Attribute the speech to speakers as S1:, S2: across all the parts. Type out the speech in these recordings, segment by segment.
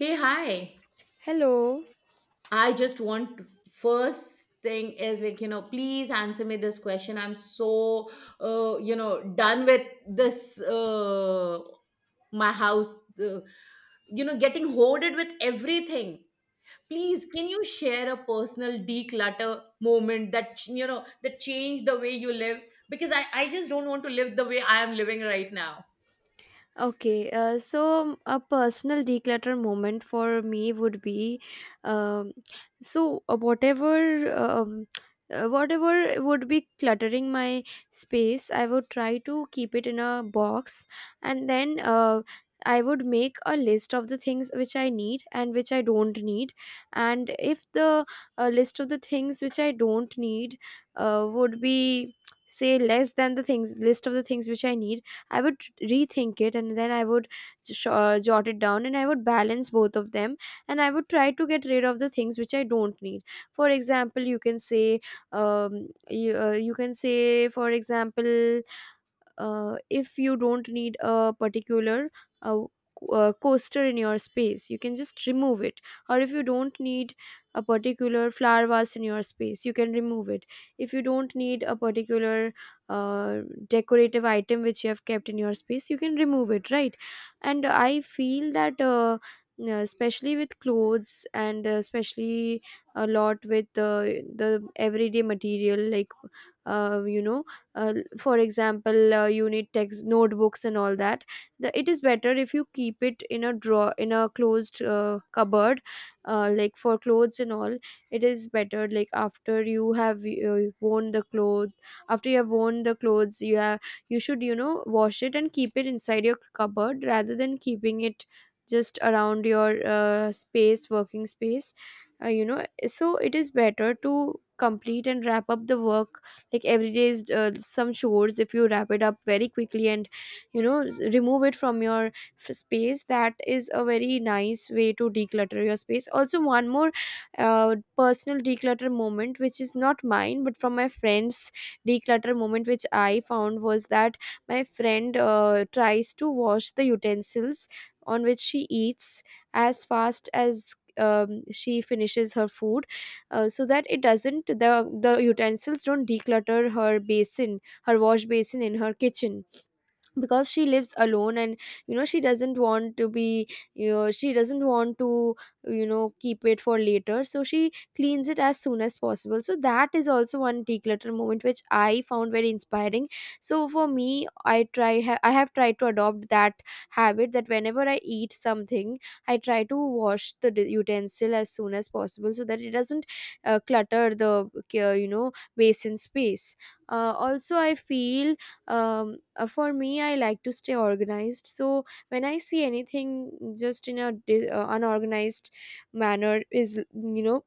S1: Hey, hi.
S2: Hello.
S1: I just want first thing is like, you know, please answer me this question. I'm so, you know, done with this, my house, you know, getting hoarded with everything. Please, can you share a personal declutter moment that, you know, that changed the way you live? Because I just don't want to live the way I am living right now.
S2: Okay, so a personal declutter moment for me would be, um, so uh, whatever, um, whatever would be cluttering my space, I would try to keep it in a box, and then I would make a list of the things which I need and which I don't need, and if the list of the things which I don't need would be say less than the things list of the things which I need I would rethink it and then I would jot it down and I would balance both of them and I would try to get rid of the things which I don't need. For example, you can say, you can say, for example, if you don't need a particular uh, coaster in your space you can just remove it, or if you don't need a particular flower vase in your space you can remove it, if you don't need a particular uh, decorative item which you have kept in your space you can remove it, right? And I feel that especially with clothes, and especially a lot with the everyday material like uh, you know for example, you need text notebooks and all that, it is better if you keep it in a drawer in a closed cupboard. Like for clothes and all, it is better like after you have worn the clothes, you have you should you know wash it and keep it inside your cupboard rather than keeping it just around your space working space. So it is better to complete and wrap up the work, like every day is some chores, if you wrap it up very quickly and you know remove it from your space, that is a very nice way to declutter your space. Also one more personal declutter moment, which is not mine but from my friend's declutter moment, which I found was that my friend tries to wash the utensils on which she eats as fast as she finishes her food, so that it doesn't the utensils don't declutter her basin, her wash basin in her kitchen, because she lives alone and you know she doesn't want to be, you know, she doesn't want to you know keep it for later, so she cleans it as soon as possible. So that is also one declutter moment which I found very inspiring. So for me I I have tried to adopt that habit, that whenever I eat something I try to wash the utensil as soon as possible, so that it doesn't clutter the, uh, you know basin space. Also I feel, for me I like to stay organized, so when I see anything just in a unorganized manner, is you know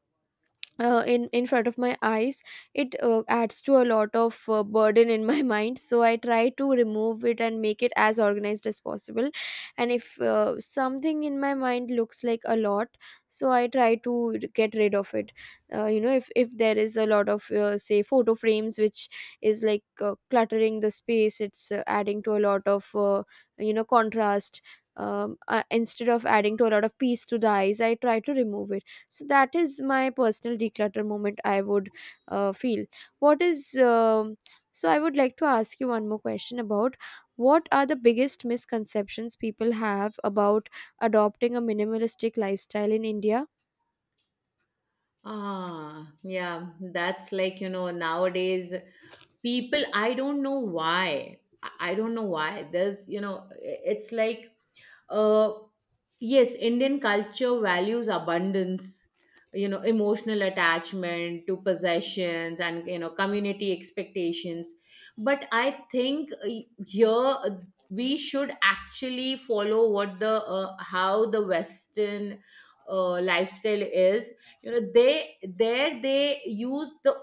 S2: in front of my eyes, it adds to a lot of burden in my mind, so I try to remove it and make it as organized as possible. And if something in my mind looks like a lot, so I try to get rid of it. If there is a lot of say photo frames which is like cluttering the space, it's adding to a lot of contrast, instead of adding to a lot of peace to the eyes, I try to remove it. So that is my personal declutter moment I would feel. What is um so I would like to ask you one more question about what are the biggest misconceptions people have about adopting a minimalistic lifestyle in India.
S1: Ah, yeah, that's like, you know, nowadays people, I don't know why. i I don't know why, there's you know, it's like, uh, yes, Indian culture values abundance, you know, emotional attachment to possessions and, you know, community expectations. But I think, here, we should actually follow what the, how the Western lifestyle is. You know, they, there they use the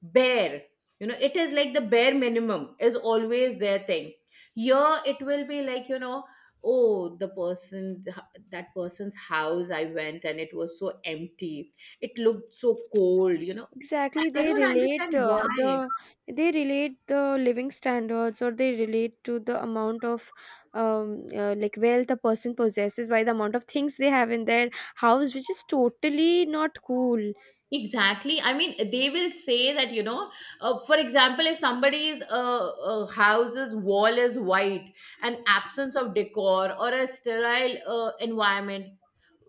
S1: bare, you know, it is like the bare minimum is always their thing. Here it will be like, you know, oh the person, that person's house I went and it was so empty, it looked so cold, you know,
S2: Exactly,
S1: I
S2: they
S1: don't understand
S2: relate
S1: why.
S2: they relate the living standards, or they relate to the amount of, um, like, wealth a person possesses by the amount of things they have in their house, which is totally not cool.
S1: Exactly, I mean they will say that you know, for example if somebody's house's wall is white, an absence of decor or a sterile environment.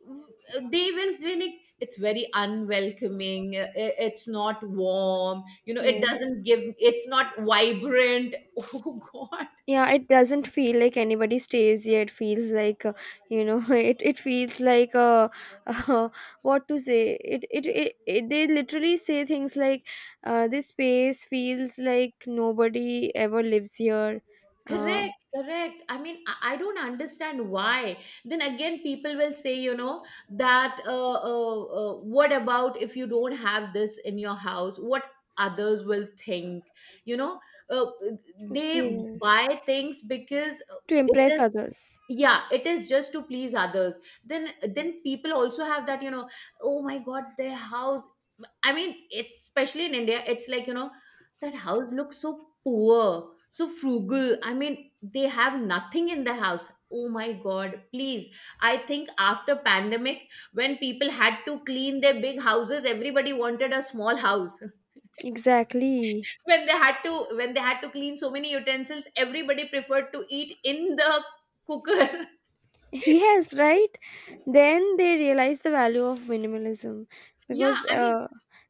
S1: They will say like it's very unwelcoming, I- it's not warm, you know, it
S2: Yes.
S1: doesn't give, it's not vibrant. Oh god.
S2: Yeah, it doesn't feel like anybody stays here, it feels like it feels like uh, what to say, it they literally say things like this space feels like nobody ever lives here. Uh,
S1: Correct, correct, I mean I don't understand why. Then again people will say, you know, that what about if you don't have this in your house, what others will think, you know. uh, they
S2: yes.
S1: buy things because
S2: To
S1: it
S2: impress
S1: is,
S2: others.
S1: yeah it is just to please others. then then people also have that, you know, oh my god, their house. I mean, it's especially in India, it's like, you know, that house looks so poor, so frugal. I mean they have nothing in the house. Oh my god, please. I think after pandemic when people had to clean their big houses, everybody wanted a small house.
S2: Exactly.
S1: When they had to, when they had to clean so many utensils, everybody preferred to eat in the cooker.
S2: Yes, right. Then they realized the value of minimalism
S1: Yeah,
S2: because
S1: I mean,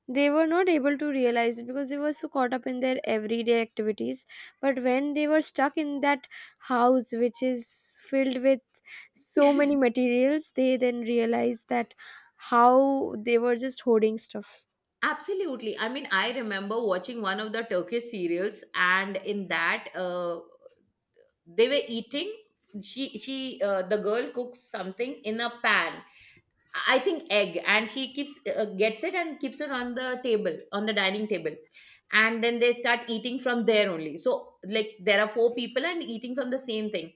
S2: they were not able to realize it because they were so caught up in their everyday activities. But when they were stuck in that house, which is filled with so many materials, they then realized that how they were just hoarding stuff.
S1: absolutely. I mean, I remember watching one of the Turkish serials, and in that, they were eating. The girl cooks something in a pan. I think egg, and she keeps gets it and keeps it on the table, on the dining table, and then they start eating from there only. So, like, there are four people and eating from the same thing,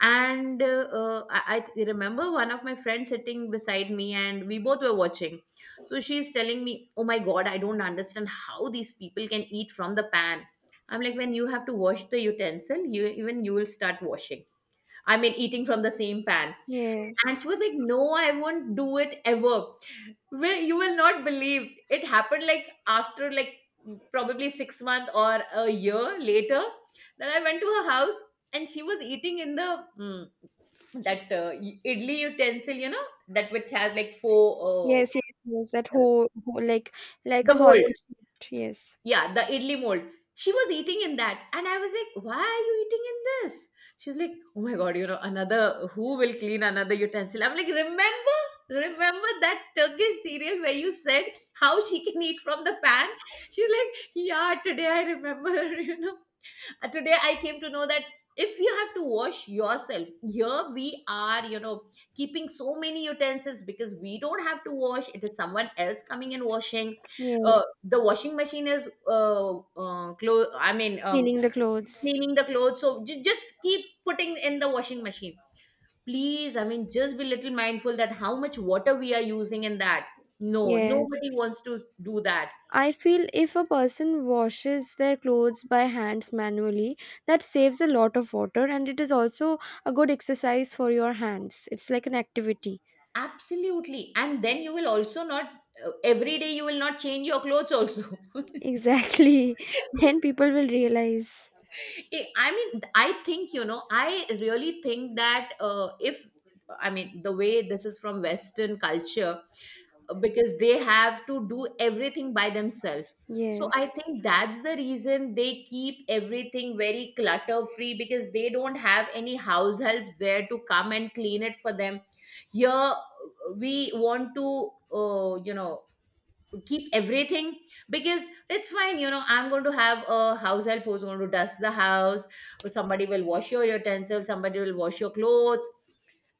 S1: and I remember one of my friends sitting beside me and we both were watching. So she's telling me, oh my god, I don't understand how these people can eat from the pan. I'm like, when you have to wash the utensil, you even you will start washing, I mean eating from the same pan.
S2: Yes.
S1: And she was like, no, I won't do it ever. Well, you will not believe it happened, like after, like probably 6 months or a year later, that I went to her house and she was eating in the that idli utensil, you know, that which has like four,
S2: Yes, yes, yes. That
S1: uh,
S2: whole, like
S1: the
S2: a
S1: mold.
S2: hollow sheet. Yes.
S1: Yeah, the idli mold. She was eating in that. And I was like, why are you eating in this? She's like, oh my God, you know, another, who will clean another utensil? I'm like, remember, remember that Turkish serial where you said how she can eat from the pan? She's like, yeah, today I remember, you know. Today I came to know that if you have to wash yourself, here we are, you know, keeping so many utensils because we don't have to wash, it is someone else coming and washing.
S2: Yeah.
S1: The washing machine is, uh, clo- i mean um,
S2: Cleaning the clothes.
S1: cleaning the clothes, so ju- just keep putting in the washing machine, please. I mean, just be little mindful that how much water we are using in that. No,
S2: Yes.
S1: nobody wants to do that.
S2: I feel if a person washes their clothes by hands manually, that saves a lot of water and it is also a good exercise for your hands. It's like an activity.
S1: Absolutely. And then you will also not, every day you will not change your clothes also.
S2: Exactly. Then people will realize.
S1: Eh, I mean, I think, you know, I really think that, if, I mean, the way this is from Western culture, because they have to do everything by themselves. So I
S2: Yes.
S1: think that's the reason they keep everything very clutter free, because they don't have any house helps there to come and clean it for them. Here, we want to, you know, keep everything because, it's fine, you know, I'm going to have a house help who's going to dust the house, or somebody will wash your utensils, somebody will wash your clothes,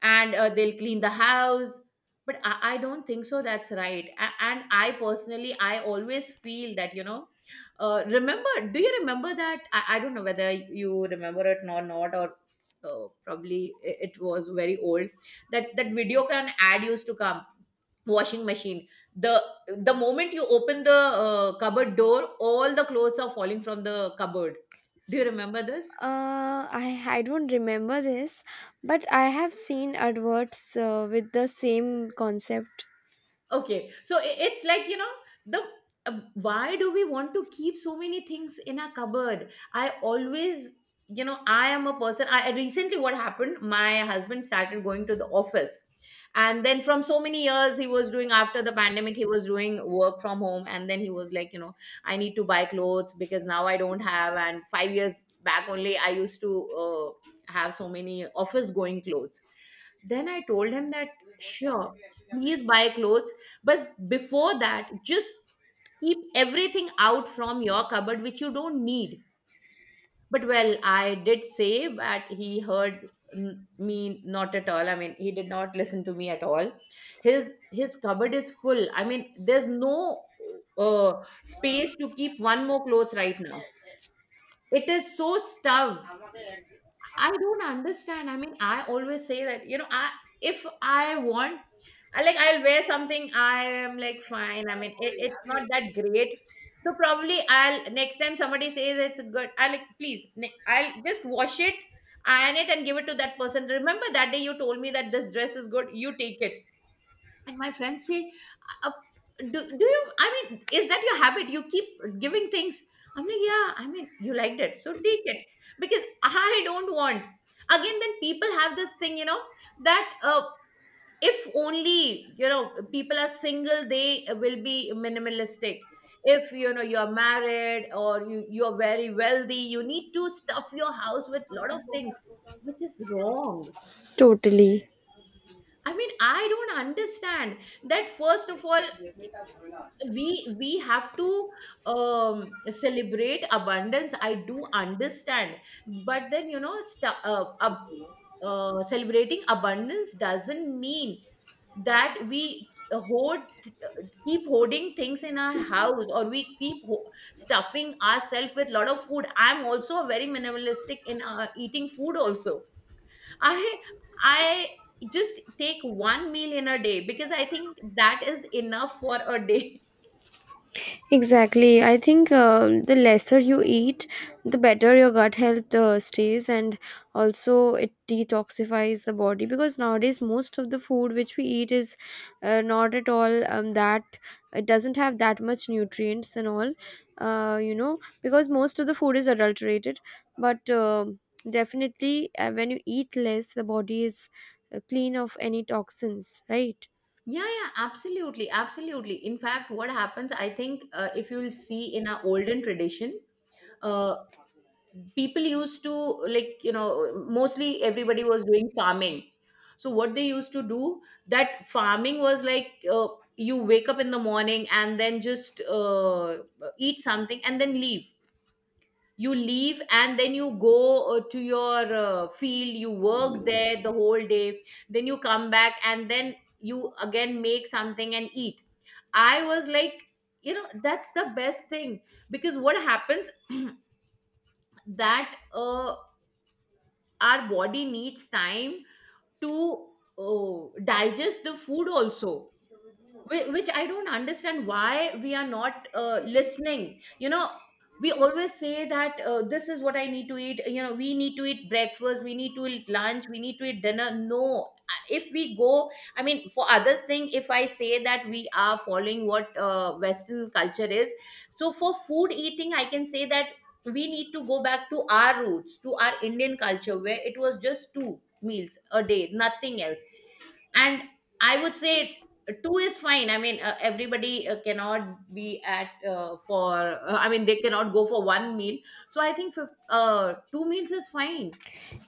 S1: and they'll clean the house. But I don't think so that's right. A- and I personally I always feel that you know, remember, do you remember that I don't know whether you remember it or not, or probably I- it was very old, that that video can ad used to come, washing machine, the the moment you open the cupboard door, all the clothes are falling from the cupboard. Do you remember this?
S2: I don't remember this, but I have seen adverts with the same concept.
S1: Okay, so I- it's like, you know, the, why do we want to keep so many things in our cupboard? I always, you know, I am a person. I- recently what happened? My husband started going to the office, and then from so many years he was doing, after the pandemic he was doing work from home, and then he was like, you know, I need to buy clothes because now I don't have. And 5 years back only I used to, uh, have so many office going clothes. Then I told him that, sure, please buy clothes, but before that, just keep everything out from your cupboard which you don't need. But well, I did say that he heard n- me not at all. I mean, he did not listen to me at all. His cupboard is full. I mean, there's no space to keep one more clothes right now. It is so stuffed. I don't understand. I mean, I always say that, you know, I, if I want, I like I'll wear something, I am like fine. I mean, it, it's not that great. So probably I'll next time somebody says it's good, I like please, ne- I'll just wash it, iron it, and give it to that person. Remember that day you told me that this dress is good, you take it. And my friends say, uh, do you, I mean, is that your habit? You keep giving things. I'm like, yeah, I mean, you liked it. So take it. Because I don't want. Again, then people have this thing, you know, that, if only, you know, people are single, they will be minimalistic. If, you know, you're married or you, you're very wealthy, you need to stuff your house with lot of things, which is wrong.
S2: Totally.
S1: I mean, I don't understand that, first of all we have to, celebrate abundance, I do understand. But then, you know, celebrating abundance doesn't mean that we hoard, keep hoarding things in our house, or we keep stuffing ourselves with a lot of food. I'm also a very minimalistic in eating food also. I I just take one meal in a day because I think that is enough for a day.
S2: Exactly. I think the lesser you eat, the better your gut health stays, and also it detoxifies the body, because nowadays most of the food which we eat is not at all that, it doesn't have that much nutrients and all, you know, because most of the food is adulterated. But definitely, when you eat less, the body is clean of any toxins, right?
S1: Yeah, yeah, absolutely, absolutely. In fact, what happens, I think, if you'll see in our olden tradition, uh, people used to, like you know, mostly everybody was doing farming. So what they used to do, that farming was like, you wake up in the morning and then just, eat something and then leave. You leave and then you go, to your field, you work there the whole day, then you come back and then you again make something and eat. I was like, you know, that's the best thing, because what happens, that our body needs time to, uh, digest the food also. Whi- which I don't understand why we are not, listening. You know, we always say that, this is what I need to eat. You know, we need to eat breakfast, we need to eat lunch, we need to eat dinner. No, if we go, I mean, for others thing, if I say that we are following what, Western culture is, so for food eating, I can say that we need to go back to our roots, to our Indian culture, where it was just two meals a day, nothing else. And I would say two is fine, I mean, everybody, cannot be at, for I mean they cannot go for one meal. So I think, two meals is fine.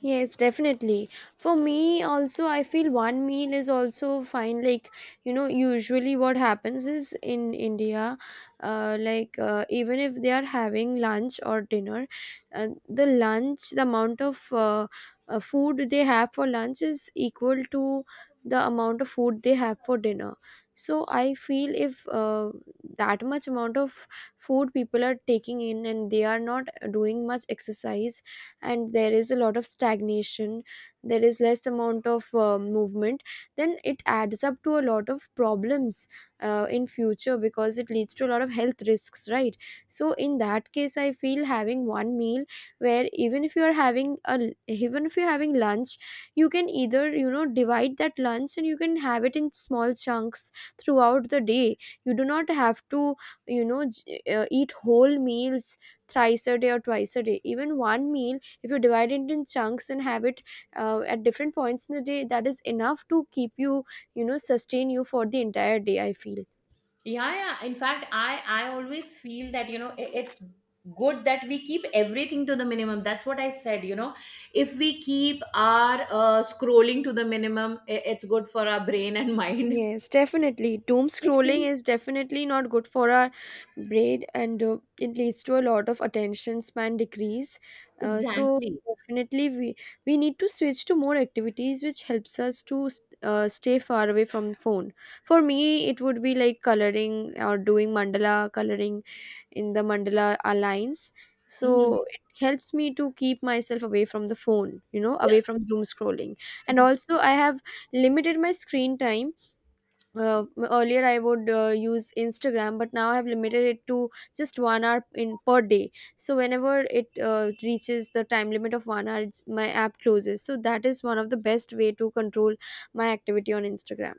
S2: Yes, definitely. For me, also, I feel one meal is also fine. Like, you know, usually what happens is in India, even if they are having lunch or dinner, the lunch, the amount of food they have for lunch is equal to the amount of food they have for dinner. So, I feel if that much amount of food people are taking in, and they are not doing much exercise, and there is a lot of stagnation, there is less amount of movement, then it adds up to a lot of problems in future, because it leads to a lot of health risks, right? So in that case I feel having one meal, where even if you are having a, even if you're having lunch, you can either you know divide that lunch and you can have it in small chunks throughout the day. You do not have to you know eat whole meals thrice a day or twice a day. Even one meal, if you divide it in chunks and have it at different points in the day, that is enough to keep you, you know, sustain you for the entire day, I feel.
S1: Yeah, yeah, in fact i always feel that you know, I- it's good that we keep everything to the minimum. That's what I said, you know, if we keep our, scrolling to the minimum, I- it's good for our brain and mind.
S2: Yes, definitely. Doom scrolling is definitely not good for our brain, and it leads to a lot of attention span decrease. So
S1: Exactly.
S2: definitely we need to switch to more activities which helps us to stay far away from phone. For me, it would be like coloring, or doing mandala coloring, in the mandala alliance.
S1: Mhm.
S2: So it helps me to keep myself away from the phone, you know, away from doom scrolling. And also I have limited my screen time. uh, Earlier I would use Instagram, but now I have limited it to just 1 hour in per day. So whenever it reaches the time limit of 1 hour, it's, my app closes, so that is one of the best way to control my activity on Instagram.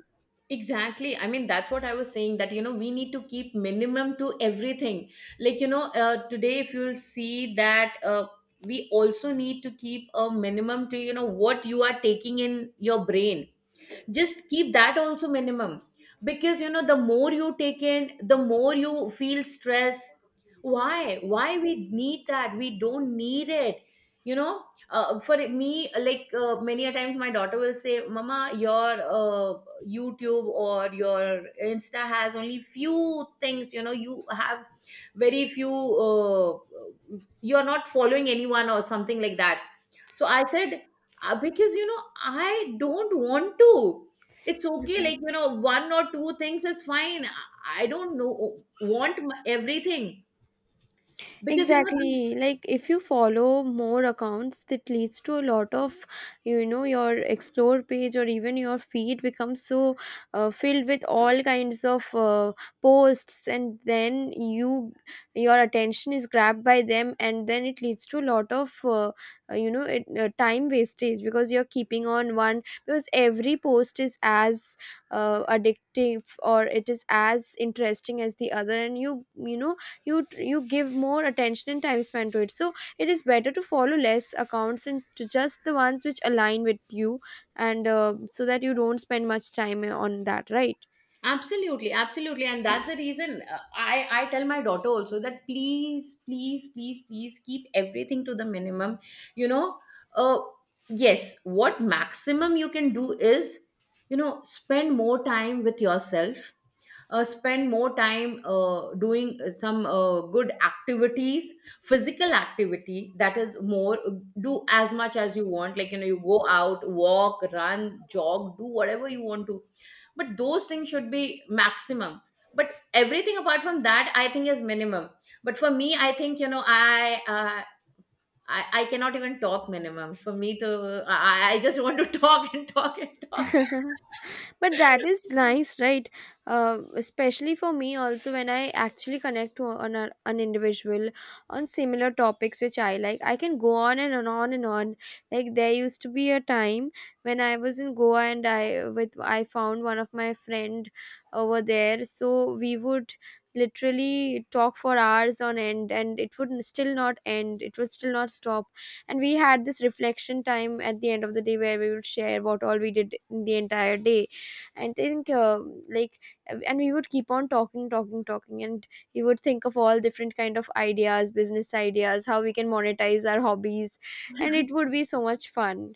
S1: Exactly. I mean, that's what I was saying that, you know, we need to keep minimum to everything. Like, you know, today, if you'll see that, we also need to keep a minimum to, you know, what you are taking in your brain, just keep that also minimum. Because, you know, the more you take in, the more you feel stress. Why we need that, we don't need it, you know. For me, like, many a times my daughter will say, mama, your, YouTube or your insta has only few things, you know, you have very few, uh, you're not following anyone or something like that. So I said, because you know I don't want to, it's okay,
S2: Exactly.
S1: like you know, one or two things is fine. I don't know, want m- everything, because you know.
S2: Exactly. Like if you follow more accounts, that leads to a lot of, you know, your explore page or even your feed becomes so filled with all kinds of posts, and then you, your attention is grabbed by them, and then it leads to a lot of, time wastage because you're keeping on one, because every post is as addictive or it is as interesting as the other, and you know you you give more attention and time spent to it. So it is better to follow less accounts and to just the ones which align with you, and so that you don't spend much time on that, right?
S1: Absolutely, absolutely, and that's the reason, I tell my daughter also that, please please please please keep everything to the minimum, you know. uh, yes, what maximum you can do is, you know, spend more time with yourself, spend more time, doing, some, good activities. Physical activity, that is more, do as much as you want, like you know, you go out, walk, run, jog, do whatever you want to, but those things should be maximum. But everything apart from that, I think is minimum. But for me, I think, you know, I cannot even talk minimum. For me to, I just want to talk and talk and talk.
S2: But that is nice, right? Especially for me also, when I actually connect to an individual on similar topics which I like, I can go on and on on and on. Like there used to be a time when I was in Goa, and I found one of my friend over there, so we would literally talk for hours on end, and it would still not end, it would still not stop. And we had this reflection time at the end of the day where we would share what all we did in the entire day. I think like and we would keep on talking talking talking, and we would think of all different kind of ideas, business ideas, how we can monetize our hobbies, and it would be so much fun.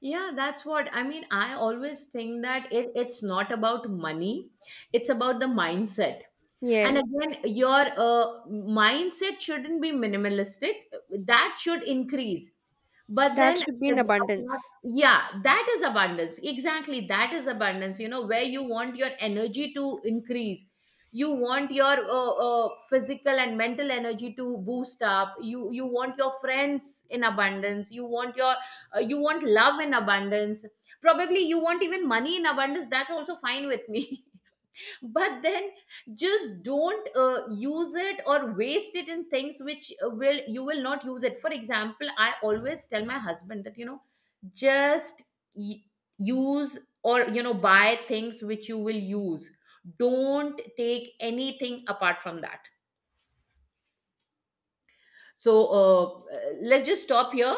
S1: Yeah, that's what I mean. I always think that it, it's not about money, it's about the mindset. And
S2: Yes,
S1: again, your, mindset shouldn't be minimalistic, that should increase. But
S2: that
S1: then,
S2: should be
S1: uh,
S2: in abundance.
S1: yeah, that is abundance, exactly, that is abundance, you know, where you want your energy to increase, you want your, physical and mental energy to boost up, you want your friends in abundance, you want your, you want love in abundance, probably you want even money in abundance, that's also fine with me. But then, just don't, use it or waste it in things which, will, you will not use it, for example I always tell my husband that, you know, just y- use, or you know, buy things which you will use, don't take anything apart from that. So, let's just stop here.